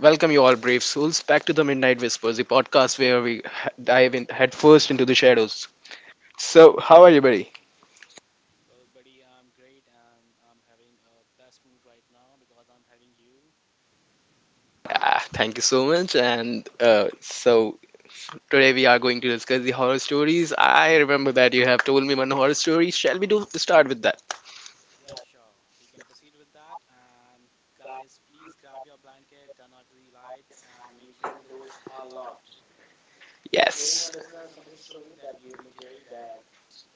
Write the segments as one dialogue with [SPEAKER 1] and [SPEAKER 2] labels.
[SPEAKER 1] Welcome, you all brave souls, back to the Midnight Whispers, the podcast where we dive in headfirst into the shadows. So, how are you, buddy?
[SPEAKER 2] Well, buddy, I'm great and I'm having a best mood right now because I'm having you.
[SPEAKER 1] Ah, thank you so much. Today we are going to discuss the horror stories. I remember that you have told me one horror story. Shall we do start with that?
[SPEAKER 2] Yeah, sure. We can proceed with that. And guys, please grab your blanket, turn off the lights, and make sure the doors are locked. We are sharing a
[SPEAKER 1] Yes.
[SPEAKER 2] listener submitted story that gave me chill that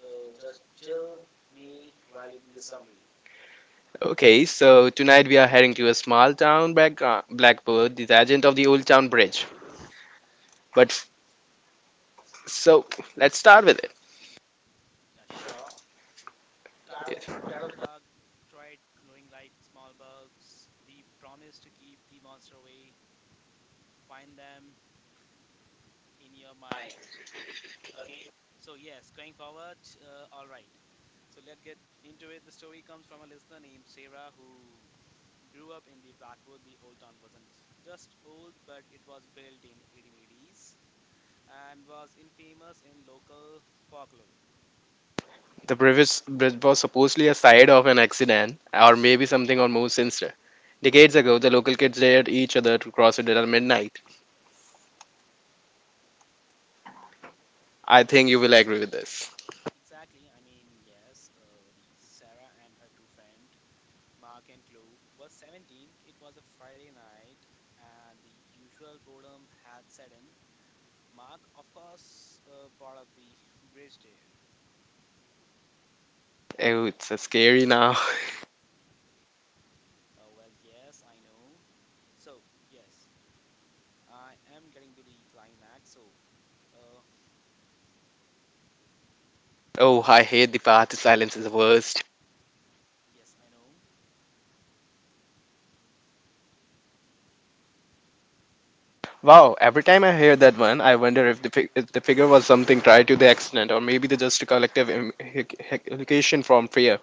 [SPEAKER 2] just chill me while reading this summary.
[SPEAKER 1] Okay, so tonight we are heading to a small town, Blackbird, the agent of the Old Town Bridge. But f- so Let's start with it.
[SPEAKER 2] Yeah, sure. Tired,
[SPEAKER 1] Yes.
[SPEAKER 2] tired of the dark, tried glowing light, small bulbs, the promise to keep the monster away. Find them in your mind. Okay, so yes, going forward, all right. So let's get into it. The story comes from a listener named Sarah who grew up in the Blackwood. The old town wasn't s- just old, but it was built in 1880s and was infamous in local folklore.
[SPEAKER 1] The previous bridge was supposedly a side of an accident, or maybe something or more sinister. Decades ago, the local kids dared each other to cross it at midnight. I think you will agree with this.
[SPEAKER 2] Exactly, I mean, yes, the Sarah and her two friends, Mark and Chloe, were 17. It was a Friday night, and the usual boredom had set in. Mark, of course, brought up the bridge day.
[SPEAKER 1] Oh, it's so scary now.
[SPEAKER 2] Well, yes, I know. So, yes, I am getting to the climax. So, uh,
[SPEAKER 1] Oh, I hate the part. The silence is the worst.
[SPEAKER 2] yes, I know.
[SPEAKER 1] Wow, every time I hear that one, I wonder if the, fig- if the figure was something tied to the accident, or maybe the just a collective education from fear.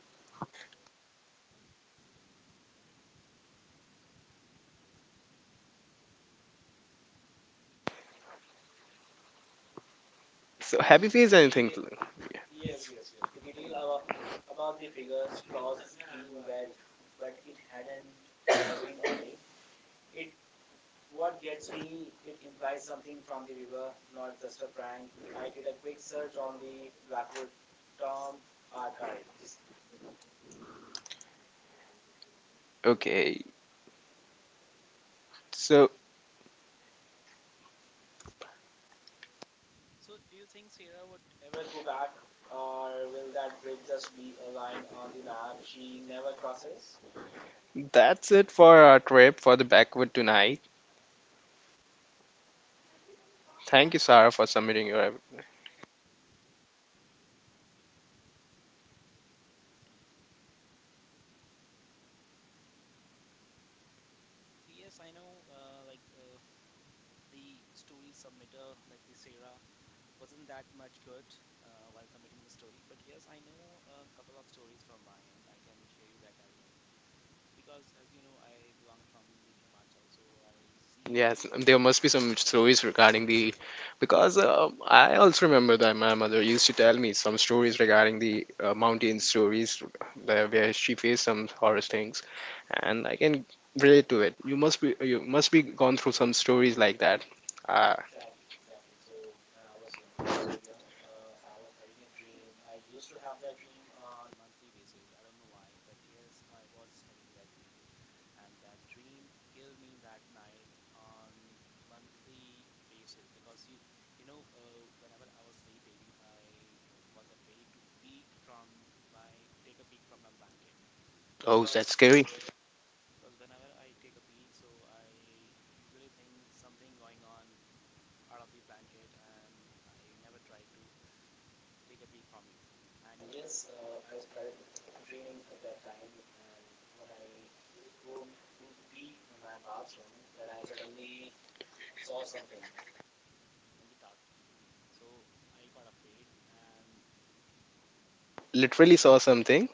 [SPEAKER 1] So,
[SPEAKER 2] The,
[SPEAKER 1] have
[SPEAKER 2] de
[SPEAKER 1] you faced
[SPEAKER 2] the
[SPEAKER 1] anything?
[SPEAKER 2] detail, yes, yes, yes. The detail about the figures, clothes being wet, but it hadn't rained all day. It, what gets me, it implies something from the river, not just a prank. I did a quick search on the Blackwood Tom archives.
[SPEAKER 1] Okay, so
[SPEAKER 2] So, do you think Sarah would ever go back, or will that bridge just be a line on the map she never crosses?
[SPEAKER 1] that's it for our trip for the backward tonight. Thank you, Sarah, for submitting your.
[SPEAKER 2] So, yes, I know, the story submitter, like the Sarah, wasn't that much good while submitting the story. But yes, I know a couple of stories from my end. I can share you that as well. So, because as you know, I belong from the Himachal, so I
[SPEAKER 1] Yes,
[SPEAKER 2] see.
[SPEAKER 1] there must be some stories regarding the, because I also remember that my mother used to tell me some stories regarding the mountain
[SPEAKER 2] Mm.
[SPEAKER 1] stories, where she faced some horror things, and I can relate to it. You must be gone through some stories like that. Uh,
[SPEAKER 2] Exactly, exactly. So when I was younger, so you know, I was having a dream. I used to have that dream on monthly basis. I don't know why, but yes, I was having that dream, and that dream killed me that night on monthly basis because whenever I was sleeping, I was afraid to peek from my, to take a peek from my blanket
[SPEAKER 1] Oh, that's
[SPEAKER 2] because
[SPEAKER 1] scary.
[SPEAKER 2] uh, because whenever I take a peek, so I usually think something going on out of the blanket and I never tried to take a peek from it. And yes, I started dreaming at that time. And when I go to pee in my bathroom, then I suddenly saw something in the dark. So I got afraid, and
[SPEAKER 1] Literally saw something.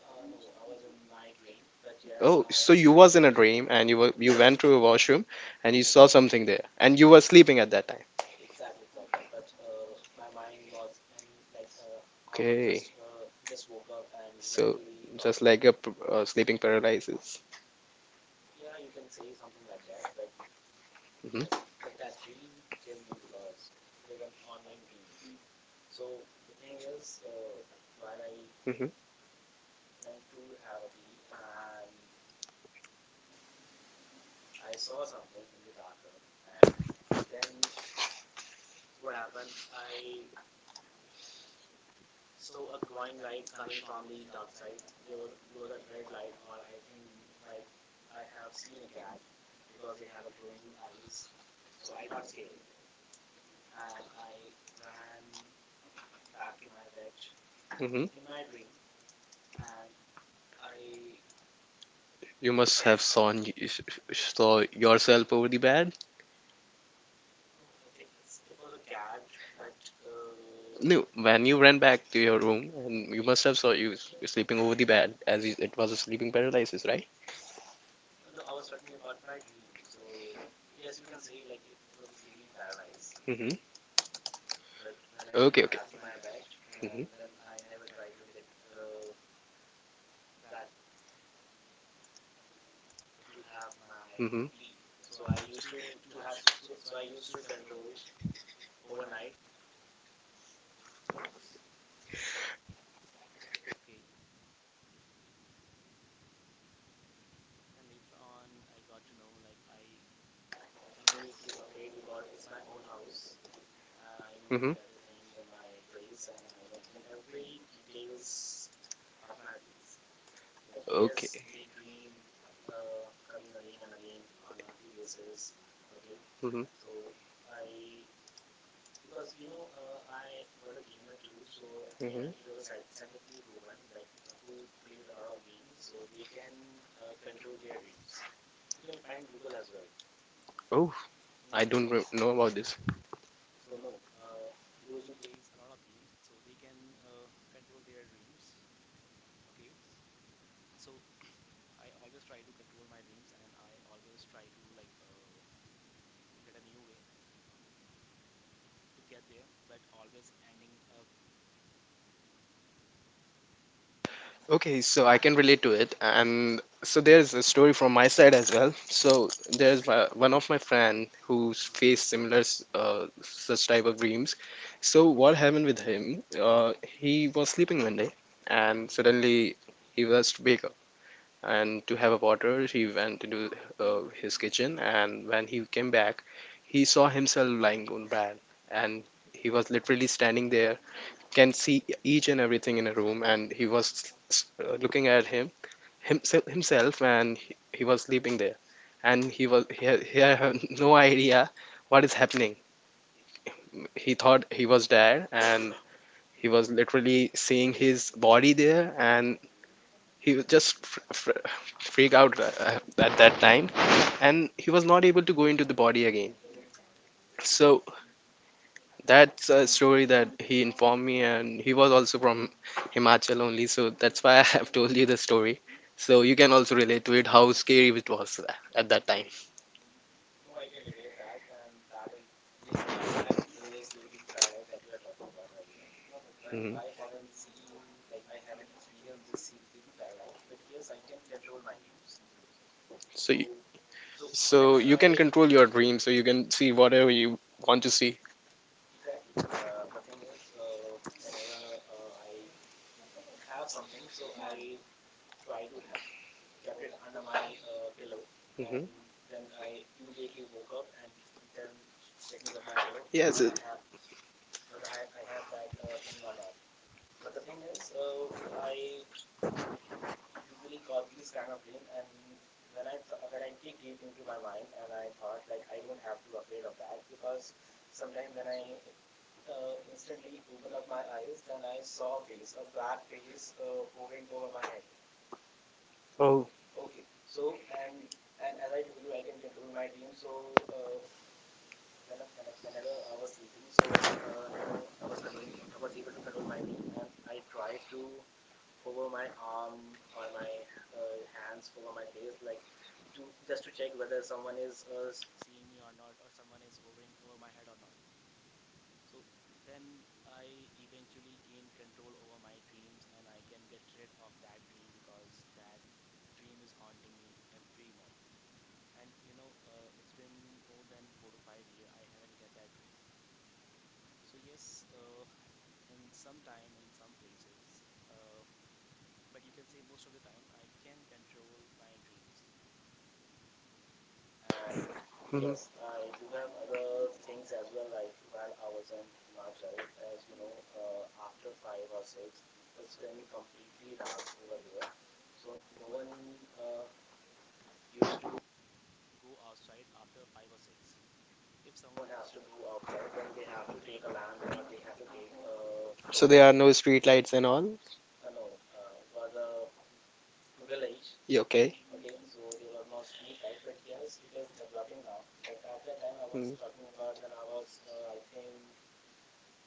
[SPEAKER 2] no, I was in my dream. But yes,
[SPEAKER 1] Oh, so
[SPEAKER 2] I
[SPEAKER 1] you was in a dream and you were you
[SPEAKER 2] mm,
[SPEAKER 1] went to a washroom and you
[SPEAKER 2] mm,
[SPEAKER 1] saw something there and you were sleeping at that.
[SPEAKER 2] exactly, exactly. But my mind was in I was
[SPEAKER 1] Okay.
[SPEAKER 2] just woke up and going
[SPEAKER 1] So
[SPEAKER 2] to the
[SPEAKER 1] just
[SPEAKER 2] bathroom
[SPEAKER 1] like
[SPEAKER 2] to.
[SPEAKER 1] a sleeping paralysis.
[SPEAKER 2] Yeah, you can say something like that, but yes,
[SPEAKER 1] Hmm.
[SPEAKER 2] but that dream killed me because it is an ongoing dream. So the thing is, while I
[SPEAKER 1] Hmm.
[SPEAKER 2] went to have a pee and I saw something in the darker, and then what happened? I saw a glowing light coming from the dark side. There was a red light, or I think might I have seen a cat because they have a glowing eyes. So I got scared and I ran back to my bed
[SPEAKER 1] Hmm.
[SPEAKER 2] in my dream, and I,
[SPEAKER 1] You must have saw, saw yourself over the bed.
[SPEAKER 2] no, I think it was a cat, but uh,
[SPEAKER 1] No, when you ran back to your room, and you must have saw you sleeping over the bed, as it was a sleeping paralysis, right?
[SPEAKER 2] no, I was talking about my dream. So yes, you can say like it was a sleeping paralysis.
[SPEAKER 1] Hmm.
[SPEAKER 2] But when I
[SPEAKER 1] Okay,
[SPEAKER 2] get
[SPEAKER 1] okay.
[SPEAKER 2] back to my bed,
[SPEAKER 1] Hmm.
[SPEAKER 2] and then I never try to get back to have my
[SPEAKER 1] Mm-hmm.
[SPEAKER 2] pee. So I used to have so, so so I used to control overnight. Okay, then later on I got to know like I no need to afraid because it's my own house and I know each
[SPEAKER 1] Mm-hmm.
[SPEAKER 2] and everything in my place and I know each and every details of my place. But yes,
[SPEAKER 1] Okay.
[SPEAKER 2] the dream coming again and again on monthly basis. Okay,
[SPEAKER 1] Mm-hmm. Mm-hmm.
[SPEAKER 2] so I, because you know I was a gamer too, so, and it was a scientifically proven like who plays a lot of games, so they can control their dreams. You can find Google as well.
[SPEAKER 1] Oh, I
[SPEAKER 2] Hmm.
[SPEAKER 1] don't know about this.
[SPEAKER 2] So no, those who plays a lot of games, so they can control their dreams. Okay, so I always try to control my dreams, and I always try to get a new way to get there, but always ending up.
[SPEAKER 1] Okay, so I can relate to it, and so there's a story from my side as well. So there's my, one of my friend who's
[SPEAKER 2] Hmm.
[SPEAKER 1] faced such type of dreams. So
[SPEAKER 2] Hmm.
[SPEAKER 1] what happened with him? He was sleeping one day, and
[SPEAKER 2] Hmm.
[SPEAKER 1] suddenly he was to wake up and to have a water. He went into his kitchen, and when he came back, he saw himself lying on bed, and he was literally standing there, can see each and everything in a room and he was looking at himself and he was sleeping there and he was he had no idea what is happening. He thought he was there and he was literally seeing his body there and he was just freak out at that time and he was not able to go into the body again. So that's a story that he informed me, and he was also from Himachal only, so that's why I have told you the story. So you can also relate to it how scary it was at that time.
[SPEAKER 2] No, I can relate that, and that is the exact sleeping paralysis that you were talking about earlier. But
[SPEAKER 1] Mhm.
[SPEAKER 2] I haven't seen, like, I haven't experienced this sleeping paralysis. But yes, I can control my dreams.
[SPEAKER 1] So, you,
[SPEAKER 2] So, so
[SPEAKER 1] so
[SPEAKER 2] whenever
[SPEAKER 1] you can
[SPEAKER 2] I,
[SPEAKER 1] control your dreams, so you can see whatever you want to see.
[SPEAKER 2] exactly. The thing is, whenever I have something, so I try to ha kept it under my pillow,
[SPEAKER 1] Hmm.
[SPEAKER 2] and then I immediately woke up and then ch checking up my pillow whether
[SPEAKER 1] Yes.
[SPEAKER 2] I have, I have that thing or not. But the thing is, I usually got these kind of dream, and when I dig deep into my mind, and I thought like I don't have to afraid of that because sometime when I instantly opened up my eyes. Then I saw a face, a black face, hovering over my head. Okay, so and as I told you, I can control my dream. So when, whenever I was sleeping, so you know, I was I was able to control my dream, and I tried to hover my arm or my hands over my face, like to just to check whether someone is seeing me or not, or someone is hovering over my head or not. So then I eventually gain control over my dreams and I can get rid of that dream because that dream is haunting me every month. And you know, it's been more than 4 to 5 years I haven't get that dream. So yes, in some time, in some places, uh, but you can say most of the time, I can control my dreams. And
[SPEAKER 1] Hmm.
[SPEAKER 2] yes, I do have other things as well. Like while I was in Himachal, as you know, after five or six, it's been completely dark over there. So no one used to go outside after five or six. If someone has to go outside, then they have to take a lamp or they have to take a
[SPEAKER 1] So
[SPEAKER 2] torch
[SPEAKER 1] there are
[SPEAKER 2] with
[SPEAKER 1] no
[SPEAKER 2] them.
[SPEAKER 1] street lights and all.
[SPEAKER 2] No, it was a village.
[SPEAKER 1] You okay?
[SPEAKER 2] Okay, so there was no street light, but yes, it is developing now. But at that time, I was
[SPEAKER 1] Mm.
[SPEAKER 2] talking about when I was, I think,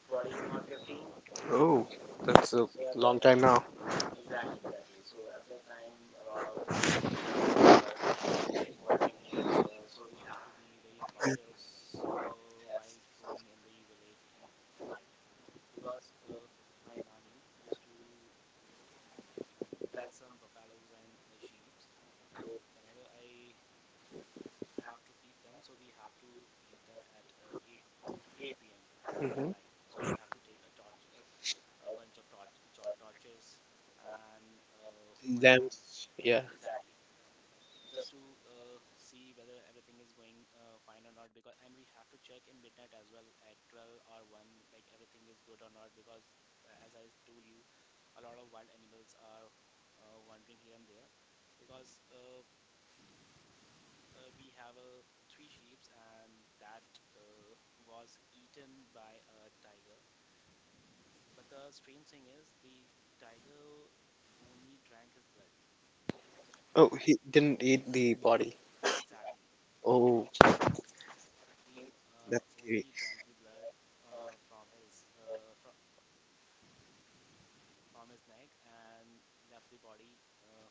[SPEAKER 2] 14 or 15.
[SPEAKER 1] Oh, that's a
[SPEAKER 2] So at that
[SPEAKER 1] long time
[SPEAKER 2] time,
[SPEAKER 1] now.
[SPEAKER 2] exactly, exactly. So at that time, a lot of wild animals are wandering here and there. So we have to be very cautious while roaming in the village and at night because my nanny used to pet some buffaloes and sheep. So whenever I have to feed them, so we have to feed them at 8 8 p.m at
[SPEAKER 1] Hmm.
[SPEAKER 2] night, so we have to take a torch, a bunch of torch, tor- torches and one
[SPEAKER 1] Then,
[SPEAKER 2] lamp,
[SPEAKER 1] yeah.
[SPEAKER 2] exactly, just to see whether everything is going fine or not, because, and we have to check in midnight as well at 12 or 1, like everything is good or not, because as I told you, a lot of wild animals are wandering here and there, because we have three sheep, and that uh, was eaten by a tiger. But the strange thing is, the tiger only drank his blood.
[SPEAKER 1] Oh,
[SPEAKER 2] A-
[SPEAKER 1] he didn't eat the body.
[SPEAKER 2] exactly.
[SPEAKER 1] Oh,
[SPEAKER 2] He
[SPEAKER 1] that's scary.
[SPEAKER 2] only drank the blood from from his neck and left the body uh,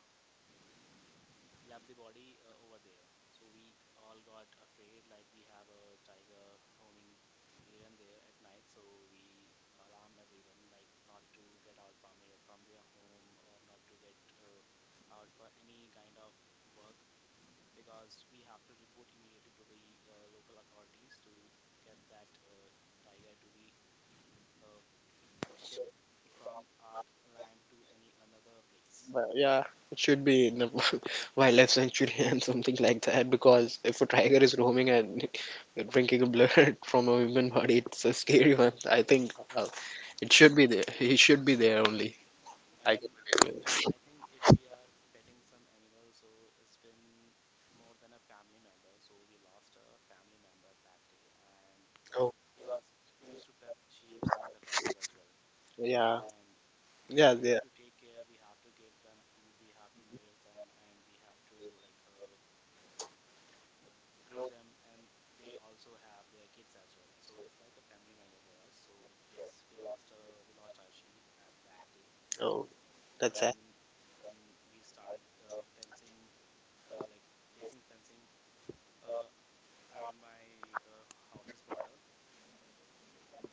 [SPEAKER 2] left the body uh, over there. So we all got afraid, like we have a tiger roaming here and there at night. So we alarm everyone, like not to get out from here, from their home, or not to get out for any kind of work, because we have to report immediately to the local authorities to get that tiger to be uh, shipped from our land to any another place.
[SPEAKER 1] But yeah, it should be in the wildlife sanctuary and something like that because if a tiger is roaming and drinking blood from a human body, it's a scary one. I think it should be there. He should be there only. I can
[SPEAKER 2] And
[SPEAKER 1] relate
[SPEAKER 2] and
[SPEAKER 1] with it.
[SPEAKER 2] I think if we are petting some animal, so it's been more than a family member. So we lost a family member that day, and like
[SPEAKER 1] Oh,
[SPEAKER 2] because we used to pet sheep and buffaloes as well,
[SPEAKER 1] yeah,
[SPEAKER 2] and
[SPEAKER 1] yeah,
[SPEAKER 2] we have
[SPEAKER 1] yeah.
[SPEAKER 2] to take care, we have to give them food, we have to nourish them, and we have to grow them, and they also have their kids as well. So it's like a family member for us. So yes, we lost our sheep at that day.
[SPEAKER 1] Oh, that's it.
[SPEAKER 2] Then then we started fencing, like placing fencing uh, around my house's border.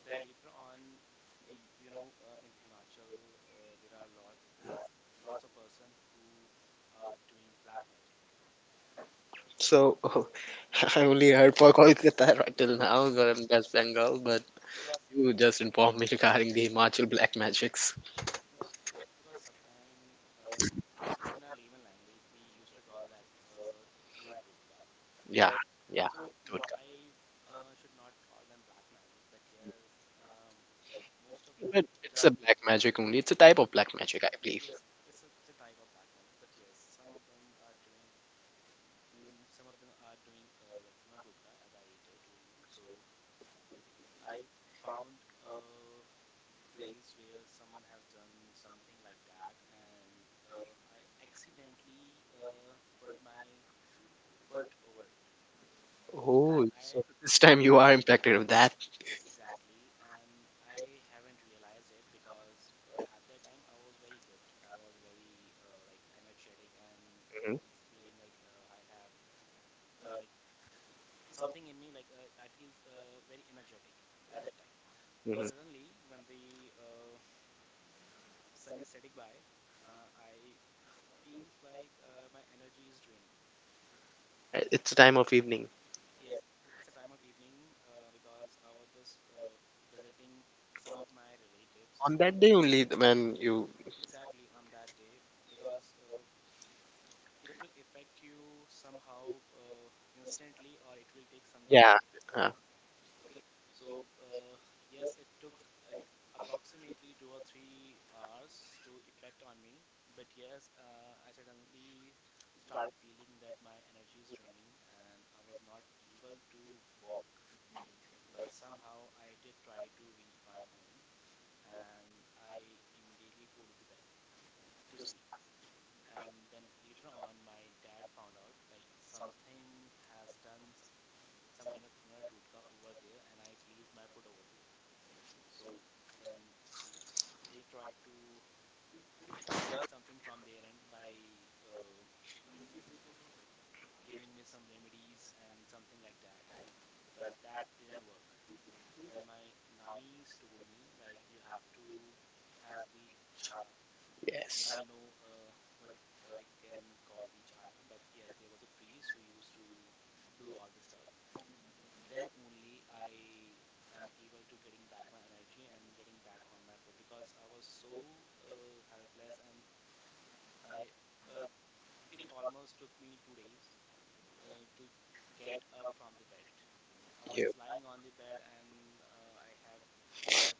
[SPEAKER 2] Then later on, in Himachal, there are lot lots of person who are doing black magic
[SPEAKER 1] So, I only heard for Kolkata right till now, and West Bengal, but
[SPEAKER 2] because
[SPEAKER 1] you just informed me regarding the Himachal black magics.
[SPEAKER 2] no, because sometime in our layman language we used to call that uh, tuna toot,
[SPEAKER 1] Yeah,
[SPEAKER 2] right?
[SPEAKER 1] yeah,
[SPEAKER 2] So
[SPEAKER 1] it would
[SPEAKER 2] not I should not call them black magic, but yes, like most of
[SPEAKER 1] come.
[SPEAKER 2] them
[SPEAKER 1] But it's a
[SPEAKER 2] done.
[SPEAKER 1] black magic only. It's a type of black magic, I believe.
[SPEAKER 2] Yes, it's a type of black magic, but yes, some of them are doing some of them are doing like Tuna Totka, as I told you. So I found a place where someone has done something like that, and I accidentally put my foot over it,
[SPEAKER 1] Oh,
[SPEAKER 2] and I
[SPEAKER 1] so this time you are impacted with that.
[SPEAKER 2] Exactly, and I haven't realized it because at that time I was very good. I was very like energetic and
[SPEAKER 1] Mhm,
[SPEAKER 2] feels feeling like I have like something in me, like I feel very energetic at that time. But
[SPEAKER 1] mhm.
[SPEAKER 2] suddenly when the sun is setting by, I feels like my energy is draining.
[SPEAKER 1] It's a time of evening.
[SPEAKER 2] Yes, it's a time of evening because I was just visiting some of my relatives
[SPEAKER 1] On that day only, when you,
[SPEAKER 2] exactly on that day because it will affect you somehow instantly or it will take some
[SPEAKER 1] yeah,
[SPEAKER 2] time.
[SPEAKER 1] uh,
[SPEAKER 2] Okay, so yes, it took uh, approximately 2 or 3 hours to effect on me. But yes, I suddenly started feeling that my energy is draining, and I was not able to walk, but somehow I did try to reach my home, and I immediately go to the bed to sleep. And then later on my dad found out like something has done some kind of tuna tutka over there, and I placed my foot over there. So then they tried to done something from their end by uh, giving me some remedies and something like that, but that didn't work. Then my nannies told me like you have to have the jhada. I
[SPEAKER 1] yes,
[SPEAKER 2] don't know what, I can call the jhada, but yes there was a priest who used to do all this stuff. Then only I am able to getting back my energy and getting back on my foot because I was so helpless. And I uh, it almost took me 2 days to get up from the bed. I was
[SPEAKER 1] you
[SPEAKER 2] lying on the bed, and I have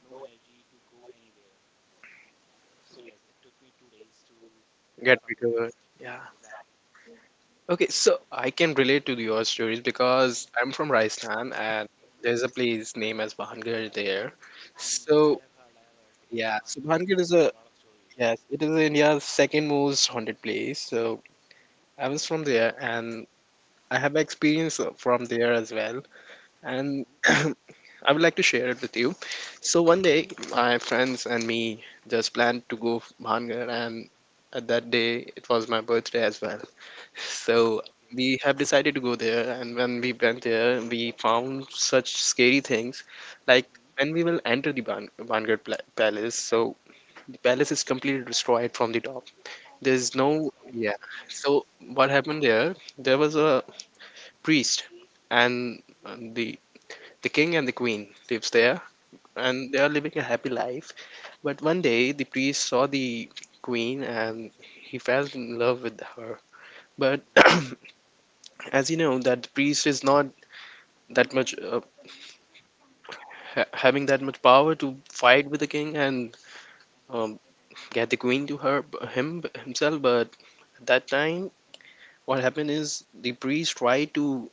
[SPEAKER 2] no energy to go anywhere. So yes, it took me 2 days to get
[SPEAKER 1] get
[SPEAKER 2] up from the bed.
[SPEAKER 1] recovered. Yeah.
[SPEAKER 2] Exactly.
[SPEAKER 1] Okay, so I can relate to your stories
[SPEAKER 2] Hmm.
[SPEAKER 1] because I'm from Rajasthan and
[SPEAKER 2] Hmm.
[SPEAKER 1] there's a place named as Bahangarh there.
[SPEAKER 2] Hmm.
[SPEAKER 1] So
[SPEAKER 2] I have heard about
[SPEAKER 1] yeah, so
[SPEAKER 2] Bhangad.
[SPEAKER 1] Bahangarh
[SPEAKER 2] Yes,
[SPEAKER 1] is
[SPEAKER 2] there are
[SPEAKER 1] a,
[SPEAKER 2] a lot of stories,
[SPEAKER 1] yes,
[SPEAKER 2] right?
[SPEAKER 1] it is India's second most haunted place. So I was from there and I have experience from there as well. And
[SPEAKER 2] Hmm.
[SPEAKER 1] I would like to share it with you. So one day, my friends and me just planned to go Bhangar, and at that day, it was my birthday as well. So
[SPEAKER 2] Okay.
[SPEAKER 1] we have decided to go there, and when we went there, we found such scary things. Like when
[SPEAKER 2] Hmm.
[SPEAKER 1] we will enter the Vanguard Palace, so the palace is completely destroyed from the top. There's no,
[SPEAKER 2] Yes, I know.
[SPEAKER 1] yeah.
[SPEAKER 2] Mm.
[SPEAKER 1] So what happened there? There was a priest, and the king and the queen lives there, and they
[SPEAKER 2] Hmm.
[SPEAKER 1] are living a happy life. But one day the priest saw the queen, and he fell in love with her. But
[SPEAKER 2] Hmm.
[SPEAKER 1] as you know, that priest is not that much having that much power to fight with the king and um, get the queen to her him himself, but at that time what happened is the priest tried to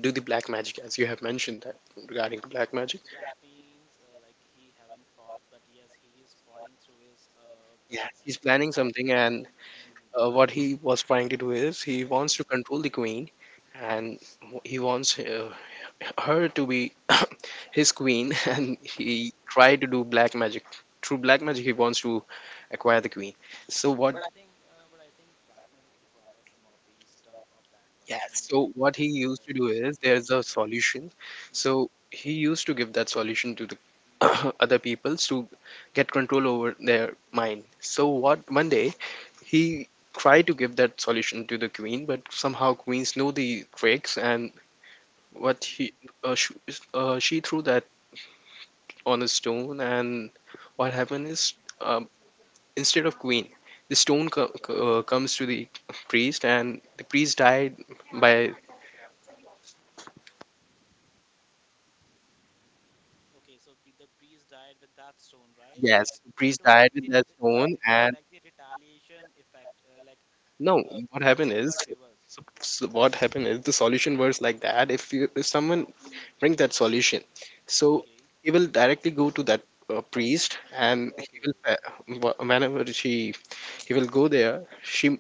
[SPEAKER 1] do the black magic as you have mentioned that regarding to black magic.
[SPEAKER 2] So that means like he haven't fought, but yes, he is fighting through his
[SPEAKER 1] Yeah,
[SPEAKER 2] black
[SPEAKER 1] he's
[SPEAKER 2] magic.
[SPEAKER 1] planning something,
[SPEAKER 2] Okay.
[SPEAKER 1] and
[SPEAKER 2] Hmm.
[SPEAKER 1] what he was trying to do is he wants to
[SPEAKER 2] Hmm.
[SPEAKER 1] control the queen and he wants her to be his queen and he
[SPEAKER 2] Hmm.
[SPEAKER 1] tried to do black magic. Through black magic he wants to acquire the queen. So what?
[SPEAKER 2] But I think black magic requires some of the stuff of that
[SPEAKER 1] Yeah,
[SPEAKER 2] person,
[SPEAKER 1] so
[SPEAKER 2] like the
[SPEAKER 1] what he used to do
[SPEAKER 2] hairs and
[SPEAKER 1] is
[SPEAKER 2] the
[SPEAKER 1] there's a
[SPEAKER 2] clothes, right?
[SPEAKER 1] solution,
[SPEAKER 2] Hmm.
[SPEAKER 1] so he used to give that solution to the other peoples to get control over their mind. So what, one day he tried to give that solution to the queen, but somehow queens know the tricks and what he
[SPEAKER 2] Hmm.
[SPEAKER 1] uh, sh- she threw that on a stone, and what happened is, um, instead of queen, the stone comes to the priest, and the priest died by,
[SPEAKER 2] Okay, so the priest died with that stone, right?
[SPEAKER 1] yes,
[SPEAKER 2] Like
[SPEAKER 1] the
[SPEAKER 2] it
[SPEAKER 1] priest
[SPEAKER 2] was
[SPEAKER 1] died
[SPEAKER 2] like
[SPEAKER 1] with that stone, and
[SPEAKER 2] the retaliation effect, like
[SPEAKER 1] no,
[SPEAKER 2] uh,
[SPEAKER 1] what happened
[SPEAKER 2] it
[SPEAKER 1] is,
[SPEAKER 2] got reversed.
[SPEAKER 1] so, so what happened is the solution was like that. If you, if someone bring that solution, so
[SPEAKER 2] Okay.
[SPEAKER 1] he will directly go to that priest, and he will
[SPEAKER 2] Okay,
[SPEAKER 1] whenever she he will go there, she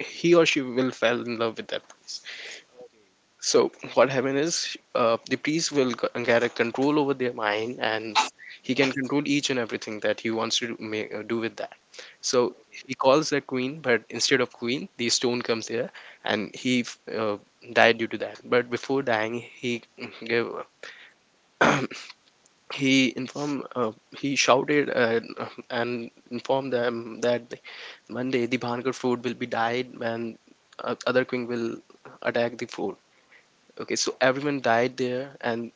[SPEAKER 1] he or she will fall in love with that priest.
[SPEAKER 2] okay,
[SPEAKER 1] So what happened is the priest will get a control over their mind, and he can control each and everything that he wants to do with that. So
[SPEAKER 2] okay.
[SPEAKER 1] he calls the queen, but instead of queen, the stone comes here, and he died due to that. But before dying, he gave he informed he shouted and informed them that one day the Bhankar fort will be died, and other queen will attack the fort. Okay, so everyone died there, and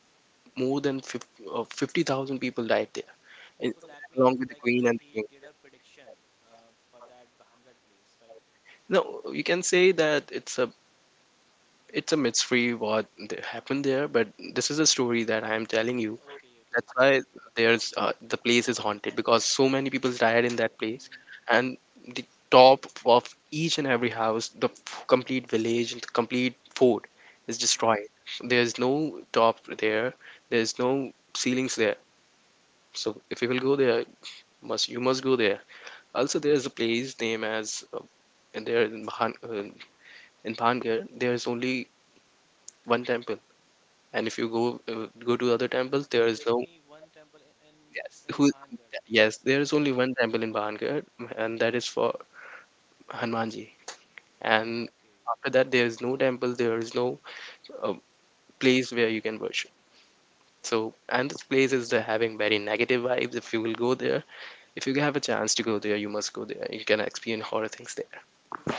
[SPEAKER 1] more than 50, 50,000 people died there, in,
[SPEAKER 2] So that
[SPEAKER 1] along
[SPEAKER 2] means
[SPEAKER 1] with the
[SPEAKER 2] like
[SPEAKER 1] queen and the
[SPEAKER 2] he
[SPEAKER 1] king.
[SPEAKER 2] did a prediction for that Bahangad place, right?
[SPEAKER 1] No, you can say that it's a mystery what happened there, but this is a story that I am telling you.
[SPEAKER 2] Okay, okay,
[SPEAKER 1] That's
[SPEAKER 2] okay,
[SPEAKER 1] why
[SPEAKER 2] okay.
[SPEAKER 1] there's the place is haunted because so many people died in that place,
[SPEAKER 2] Hmm.
[SPEAKER 1] and the top of each and every house, the complete village, the complete fort is
[SPEAKER 2] Hmm.
[SPEAKER 1] destroyed. There's no top there. There's no ceilings there. So if you will go there, must you must go there. Also, there is a place named as and there in Mahan, in Pangir, there is only one temple. And if you go go to other temples, there
[SPEAKER 2] There's
[SPEAKER 1] is no,
[SPEAKER 2] only one temple
[SPEAKER 1] yes
[SPEAKER 2] in
[SPEAKER 1] who,
[SPEAKER 2] Bahangad.
[SPEAKER 1] yes there is only
[SPEAKER 2] Okay,
[SPEAKER 1] one temple in Pangir, and that is for Hanumanji. And
[SPEAKER 2] okay.
[SPEAKER 1] after that, there is no temple. There is no uh, place where you can worship. So and this place is the having very negative vibes. If you will go there, if you have a chance to go there, you must go there. You can experience horror things there.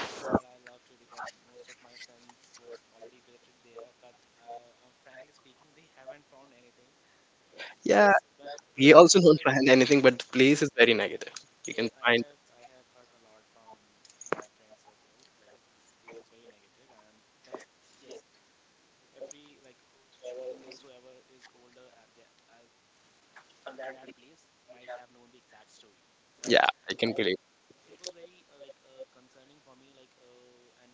[SPEAKER 2] Sure, I love to because most of my friends would already visited there, but frankly speaking, they haven't found anything.
[SPEAKER 1] Yeah,
[SPEAKER 2] Yes, but
[SPEAKER 1] we also
[SPEAKER 2] as
[SPEAKER 1] don't
[SPEAKER 2] per.
[SPEAKER 1] find anything, but the place is very negative. You can
[SPEAKER 2] Yes,
[SPEAKER 1] find,
[SPEAKER 2] I have heard a lot from my friend circles, like this place is very negative, and but yes, every like whosoever is older at that on that place might have known the exact story, right?
[SPEAKER 1] yeah, I can
[SPEAKER 2] And
[SPEAKER 1] believe.
[SPEAKER 2] it was very like concerning for me, like and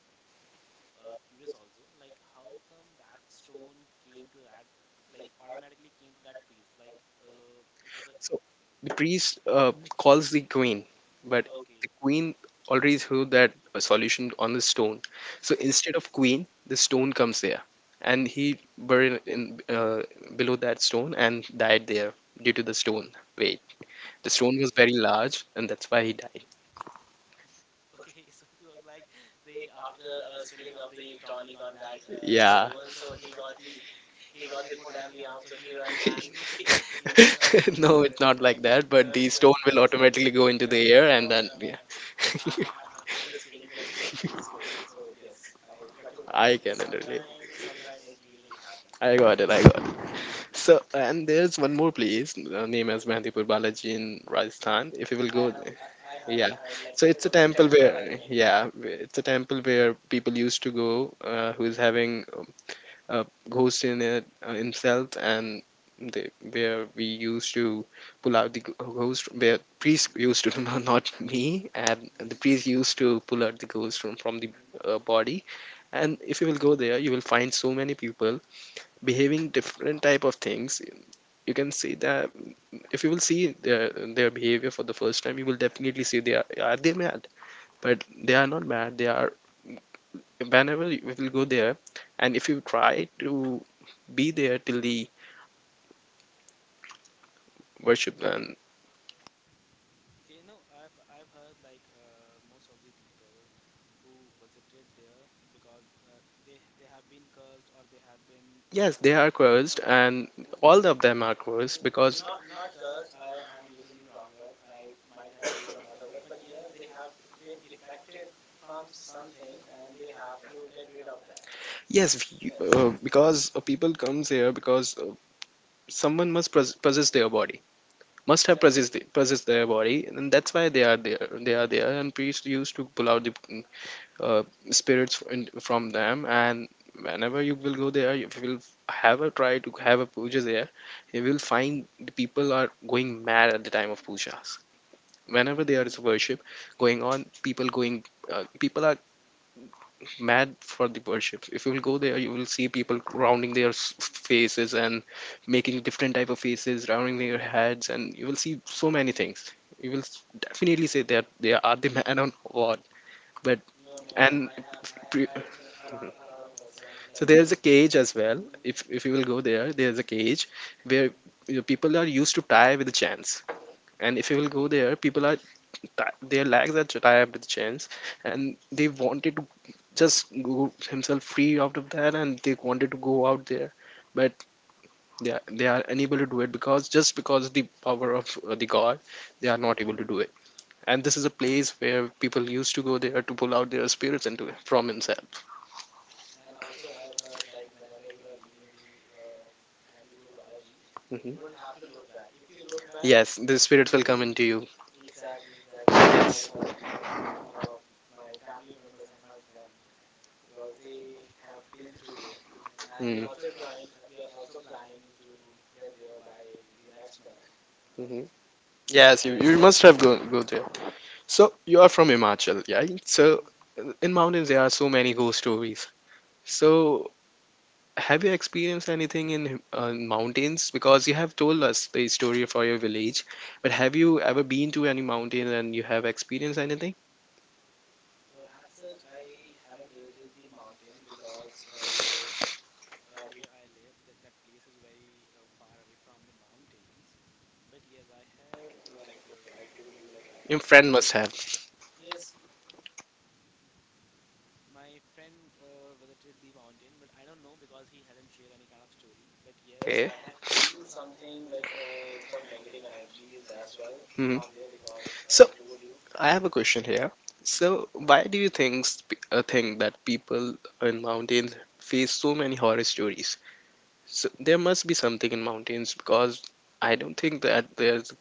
[SPEAKER 2] curious also, like how come that stone came to that, like automatically came to that priest, like it was a.
[SPEAKER 1] So the priest calls the queen, but the
[SPEAKER 2] Okay.
[SPEAKER 1] queen already threw that solution on the stone. So
[SPEAKER 2] Hmm,
[SPEAKER 1] instead of queen, the stone comes there, and he buried in below that stone and died there due to the stone weight. The stone was very
[SPEAKER 2] okay.
[SPEAKER 1] large, and that's why he died.
[SPEAKER 2] Okay, so it was like the after spilling up the tonic on that
[SPEAKER 1] Yeah.
[SPEAKER 2] stone, so he got the foot and the arm, so he run, and he
[SPEAKER 1] No,
[SPEAKER 2] just
[SPEAKER 1] it's not
[SPEAKER 2] like
[SPEAKER 1] like that, but the
[SPEAKER 2] crushed
[SPEAKER 1] stone
[SPEAKER 2] the
[SPEAKER 1] will
[SPEAKER 2] priest.
[SPEAKER 1] automatically go into the
[SPEAKER 2] Okay,
[SPEAKER 1] air
[SPEAKER 2] uh,
[SPEAKER 1] and
[SPEAKER 2] no, no,
[SPEAKER 1] then,
[SPEAKER 2] no, no,
[SPEAKER 1] yeah,
[SPEAKER 2] I'm just kidding. Like I'm just kidding. So yes, I got your point.
[SPEAKER 1] I
[SPEAKER 2] Yes,
[SPEAKER 1] can relate.
[SPEAKER 2] sometime it usually happens
[SPEAKER 1] I
[SPEAKER 2] though.
[SPEAKER 1] got it, I got it.
[SPEAKER 2] Hmm.
[SPEAKER 1] So, and there's one more place, named as
[SPEAKER 2] Hmm,
[SPEAKER 1] Mehdipur Balaji in
[SPEAKER 2] mhm.
[SPEAKER 1] Rajasthan. If you will
[SPEAKER 2] I
[SPEAKER 1] go
[SPEAKER 2] have
[SPEAKER 1] there. Yeah.
[SPEAKER 2] I heard like
[SPEAKER 1] So
[SPEAKER 2] it
[SPEAKER 1] it's a
[SPEAKER 2] was a
[SPEAKER 1] temple
[SPEAKER 2] temple, I
[SPEAKER 1] where,
[SPEAKER 2] think.
[SPEAKER 1] yeah, it's a temple where people used to go who's
[SPEAKER 2] Hmm.
[SPEAKER 1] having ghost in it himself and they, where we used to pull out the ghost, where priest
[SPEAKER 2] Hmm.
[SPEAKER 1] used to no, not me, and the
[SPEAKER 2] Hmm.
[SPEAKER 1] priest used to pull out the ghost from the
[SPEAKER 2] Hmm.
[SPEAKER 1] body. And if you will go there you will find so many people
[SPEAKER 2] Hmm.
[SPEAKER 1] behaving different type of things. You can see that if you will see their behavior for the first time you will definitely see they are they mad, but they are not mad. They are, whenever you will go there and if you try to be there till the worship them.
[SPEAKER 2] Okay, no, I've heard like most of the people who visited there because they have been cursed or they have been
[SPEAKER 1] Yes, they are
[SPEAKER 2] um,
[SPEAKER 1] cursed, and
[SPEAKER 2] n-
[SPEAKER 1] all of them are
[SPEAKER 2] n-
[SPEAKER 1] cursed because
[SPEAKER 2] not cursed. I am using the wrong word. I might have used some other word, but yes, they have been affected from something, and they have to get rid of that. Yes.
[SPEAKER 1] because people comes
[SPEAKER 2] Mhm.
[SPEAKER 1] here because someone must possess their body, must have
[SPEAKER 2] Exactly.
[SPEAKER 1] possessed the, possessed their body, and that's why
[SPEAKER 2] Mm.
[SPEAKER 1] they are there. They are there, and priests used to pull out the uh, spirits from them. And whenever you will go there you will have a try to have a puja there. You will
[SPEAKER 2] Mm-hmm.
[SPEAKER 1] find the people are going mad at the time of pujas. Whenever there is worship going on, people going people are mad for the worship. If you will go there you will see
[SPEAKER 2] Hmm.
[SPEAKER 1] people rounding their faces and making different type of faces, rounding their
[SPEAKER 2] Hmm.
[SPEAKER 1] heads, and you will see so many things. You will definitely say that they are the man on what. But
[SPEAKER 2] No, no,
[SPEAKER 1] and pre-
[SPEAKER 2] I have seen a lot of person, like,
[SPEAKER 1] so there's
[SPEAKER 2] because.
[SPEAKER 1] a cage as well.
[SPEAKER 2] Hmm.
[SPEAKER 1] If you will go there there's a cage where,
[SPEAKER 2] Hmm.
[SPEAKER 1] you know, people are used to tie with the chains. And if you will go
[SPEAKER 2] Okay.
[SPEAKER 1] there people are their legs are tied with chains, and they wanted to just go himself free out of that and they wanted to go out there, but they are unable to do it, because just because the power of the god they are not able to do it. And this is a place where people used to go there to pull out their spirits into from himself.
[SPEAKER 2] And also, I have heard like whenever you are leaving the Bandipur Balaji, you
[SPEAKER 1] Mhm.
[SPEAKER 2] don't have to look back. If you look back.
[SPEAKER 1] Yes, the spirits will come
[SPEAKER 2] Hmm.
[SPEAKER 1] into you.
[SPEAKER 2] Exactly, exactly. That I've heard from a lot of my family members and my friends, because they have been to there, and we are
[SPEAKER 1] Mm.
[SPEAKER 2] also trying. We are also planning to get there by the next month. Okay,
[SPEAKER 1] Mhm.
[SPEAKER 2] so
[SPEAKER 1] Yes, you,
[SPEAKER 2] I'll
[SPEAKER 1] you
[SPEAKER 2] just.
[SPEAKER 1] must have go, go there. So you are from Himachal, yeah? So in mountains there are so many ghost stories. So have you experienced anything in mountains? Because you have told us the story for your village, but have you ever been to any mountain and you have experienced anything?
[SPEAKER 2] As such, I haven't visited the mountains because where I live, that place is very far away from the mountains. But yes, I have like I told you, like I have
[SPEAKER 1] Your friend
[SPEAKER 2] feel.
[SPEAKER 1] must have.
[SPEAKER 2] Yes, my friend visited the mountain, but I don't know because he hasn't shared any kind of story. But yes, I have feel something like some negative energies as well
[SPEAKER 1] Mhm.
[SPEAKER 2] from there, because I
[SPEAKER 1] So,
[SPEAKER 2] told you.
[SPEAKER 1] I have a question here. So,
[SPEAKER 2] Hmm.
[SPEAKER 1] why do you think think that people in mountains face so many horror stories? So, there must be something in mountains because I don't think that there's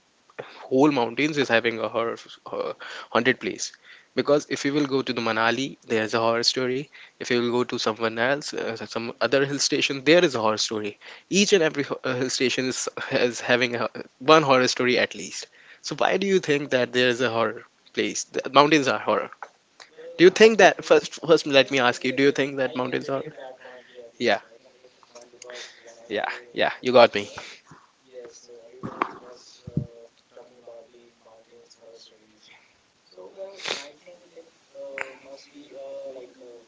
[SPEAKER 1] whole mountains is having a horror uh, haunted place, because if you will go to the manali there's a horror story. If you will go to someone else so some other
[SPEAKER 2] Hmm.
[SPEAKER 1] hill station there is a horror story. Each and every hill station is having a, one horror story at least. So why do you think that there is a horror place, the mountains are horror?
[SPEAKER 2] Well,
[SPEAKER 1] Do you
[SPEAKER 2] I
[SPEAKER 1] think that
[SPEAKER 2] think.
[SPEAKER 1] first let
[SPEAKER 2] Yes,
[SPEAKER 1] me
[SPEAKER 2] yes,
[SPEAKER 1] ask you,
[SPEAKER 2] yes,
[SPEAKER 1] do you
[SPEAKER 2] yes.
[SPEAKER 1] think
[SPEAKER 2] I
[SPEAKER 1] that
[SPEAKER 2] can
[SPEAKER 1] mountains are,
[SPEAKER 2] relate that point. Yes, yes,
[SPEAKER 1] yeah,
[SPEAKER 2] yes, I can relate that point because whenever
[SPEAKER 1] yeah,
[SPEAKER 2] I
[SPEAKER 1] yeah, you
[SPEAKER 2] used
[SPEAKER 1] got
[SPEAKER 2] to.
[SPEAKER 1] me.
[SPEAKER 2] Yes, so everyone was talking about the mountains horror stories. So, well, I think it must be like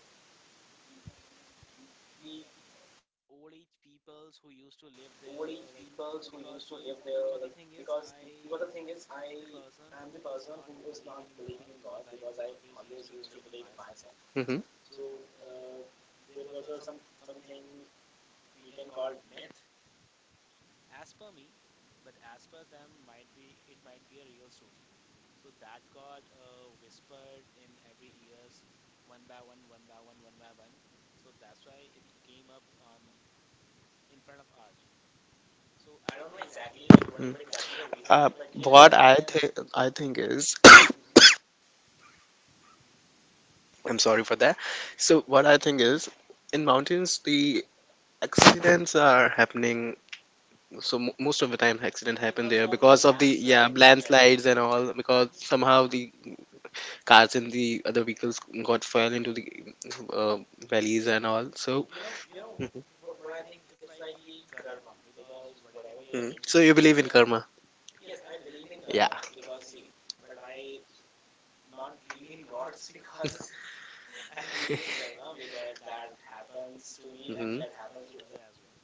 [SPEAKER 2] the old age peoples who used to live there, like because the thing is, I am the person who is not believing in gods because I always used to believe in myself.
[SPEAKER 1] Mm-hmm.
[SPEAKER 2] So, there was a something we can call myth as per me, but as per them might be it might be a real story. So that got whispered in every ears, one by one one by one. So that's why it came up on in front of ours. So I don't know exactly like what
[SPEAKER 1] Mm.
[SPEAKER 2] exactly the reason is,
[SPEAKER 1] Uh,
[SPEAKER 2] but yes I
[SPEAKER 1] what
[SPEAKER 2] can.
[SPEAKER 1] I think is
[SPEAKER 2] Hmm.
[SPEAKER 1] I'm sorry for that. So what
[SPEAKER 2] Hmm.
[SPEAKER 1] I think is, in mountains the accidents are happening. So mo most of the time accident happen
[SPEAKER 2] Because
[SPEAKER 1] there
[SPEAKER 2] of the
[SPEAKER 1] because of the, yeah,
[SPEAKER 2] landslide, yes.
[SPEAKER 1] landslides and all, because
[SPEAKER 2] Hmm.
[SPEAKER 1] somehow the cars and the other vehicles got fell into the uh, valleys and all. So,
[SPEAKER 2] You know you know what I think is like the karma, because whatever we are
[SPEAKER 1] mm.
[SPEAKER 2] giving to
[SPEAKER 1] So
[SPEAKER 2] the
[SPEAKER 1] you believe
[SPEAKER 2] nature.
[SPEAKER 1] in karma?
[SPEAKER 2] Yes, I believe in karma,
[SPEAKER 1] Yeah.
[SPEAKER 2] because see, but I not believe in gods. Because I believe in karma because that happens to me, and
[SPEAKER 1] Mhm.
[SPEAKER 2] that happens to other as well.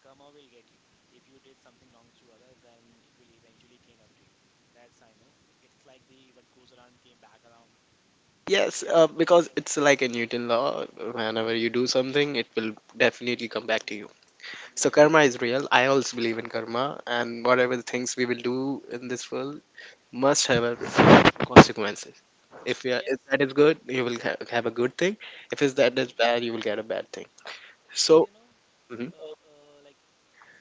[SPEAKER 2] Karma will get you. If you did something wrong to other, then it will eventually came up to you. That's I know. It's like the what goes around came back around.
[SPEAKER 1] Yes,
[SPEAKER 2] Yes.
[SPEAKER 1] because it's like a Newton
[SPEAKER 2] Hmm,
[SPEAKER 1] law.
[SPEAKER 2] hmm, hmm,
[SPEAKER 1] Whenever you do something, it will definitely come back to
[SPEAKER 2] hmm.
[SPEAKER 1] you. So
[SPEAKER 2] Yes.
[SPEAKER 1] karma is real. I also believe in karma,
[SPEAKER 2] Hmm, hmm.
[SPEAKER 1] and whatever the things we will do in this world must have a consequences. If, you are, if
[SPEAKER 2] Yes.
[SPEAKER 1] that is good, you will have a good thing. If it's that
[SPEAKER 2] Hmm.
[SPEAKER 1] is bad, you will get a bad thing.
[SPEAKER 2] Because
[SPEAKER 1] So, mhm.
[SPEAKER 2] like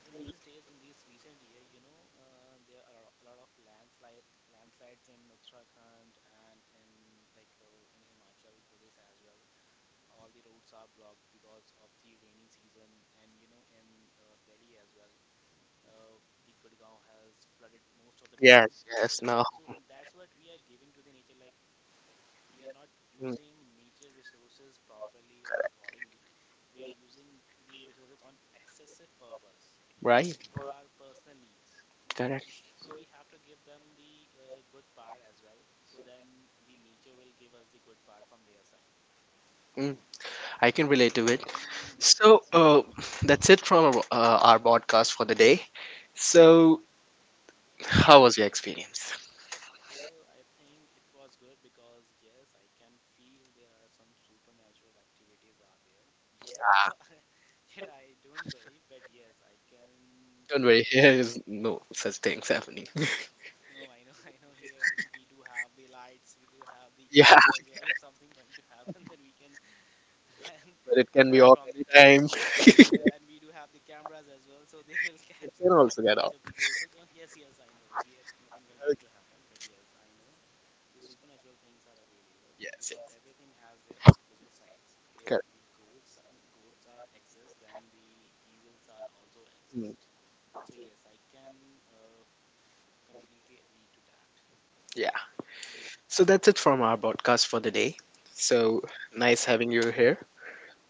[SPEAKER 2] in these days, in these recent year, there are a lot of landslides in Uttarakhand, and in in Himachal Pradesh as well. All the roads are blocked because of the rainy season, and in Delhi as well, uh, the Gurgaon has flooded most of the time.
[SPEAKER 1] Yes, yes,
[SPEAKER 2] Yes,
[SPEAKER 1] now,
[SPEAKER 2] so that's what we are giving to the nature. Like we are not
[SPEAKER 1] mm,
[SPEAKER 2] using nature resources properly or accordingly. We are using the resources on excessive purpose
[SPEAKER 1] right,
[SPEAKER 2] for our personal needs.
[SPEAKER 1] correct.
[SPEAKER 2] So we have to give them the good part as well. So then the nature will give us the good part from their side.
[SPEAKER 1] Mm. I can relate to it.
[SPEAKER 2] Hmm.
[SPEAKER 1] So that's it from our podcast for the day. So how was your experience?
[SPEAKER 2] Well, I think it was good because yes, I can feel there are some supernatural activities are there. Yet, I- yet I don't believe, but yes, I can.
[SPEAKER 1] Don't worry, here is no such things happening.
[SPEAKER 2] No, I know, I know. Here we do have the lights, we do have the
[SPEAKER 1] Yeah,
[SPEAKER 2] guards as well. If something going to happen, then we can run,
[SPEAKER 1] but it can be
[SPEAKER 2] run
[SPEAKER 1] off
[SPEAKER 2] from.
[SPEAKER 1] anytime.
[SPEAKER 2] Yes, and we do have the cameras as well, so they will
[SPEAKER 1] It can also get
[SPEAKER 2] catch
[SPEAKER 1] off.
[SPEAKER 2] up the ghost. So John, yes, yes, I know. Here nothing will going
[SPEAKER 1] Okay.
[SPEAKER 2] to happen, but yes, I know the supernatural things are available
[SPEAKER 1] Yes,
[SPEAKER 2] because
[SPEAKER 1] yes,
[SPEAKER 2] everything has their opposite sides. If
[SPEAKER 1] correct.
[SPEAKER 2] the goats are exist, then the evils are also
[SPEAKER 1] Mm,
[SPEAKER 2] exist. So yes, I can completely agree to that.
[SPEAKER 1] yeah.
[SPEAKER 2] Hmm.
[SPEAKER 1] So that's it from our podcast for the day. So
[SPEAKER 2] Hmm.
[SPEAKER 1] nice having you here.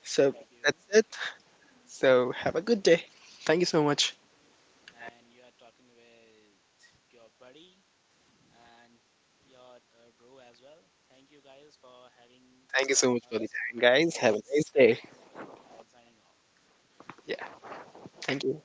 [SPEAKER 1] So
[SPEAKER 2] Thank you.
[SPEAKER 1] that's it. So have a good day. Thank you so much.
[SPEAKER 2] And you are talking with your buddy and your bro as well. Thank you guys for having
[SPEAKER 1] Thank you so much for the
[SPEAKER 2] us,
[SPEAKER 1] time, guys. Have
[SPEAKER 2] and
[SPEAKER 1] a nice day.
[SPEAKER 2] and signing off.
[SPEAKER 1] Yeah. Thank you.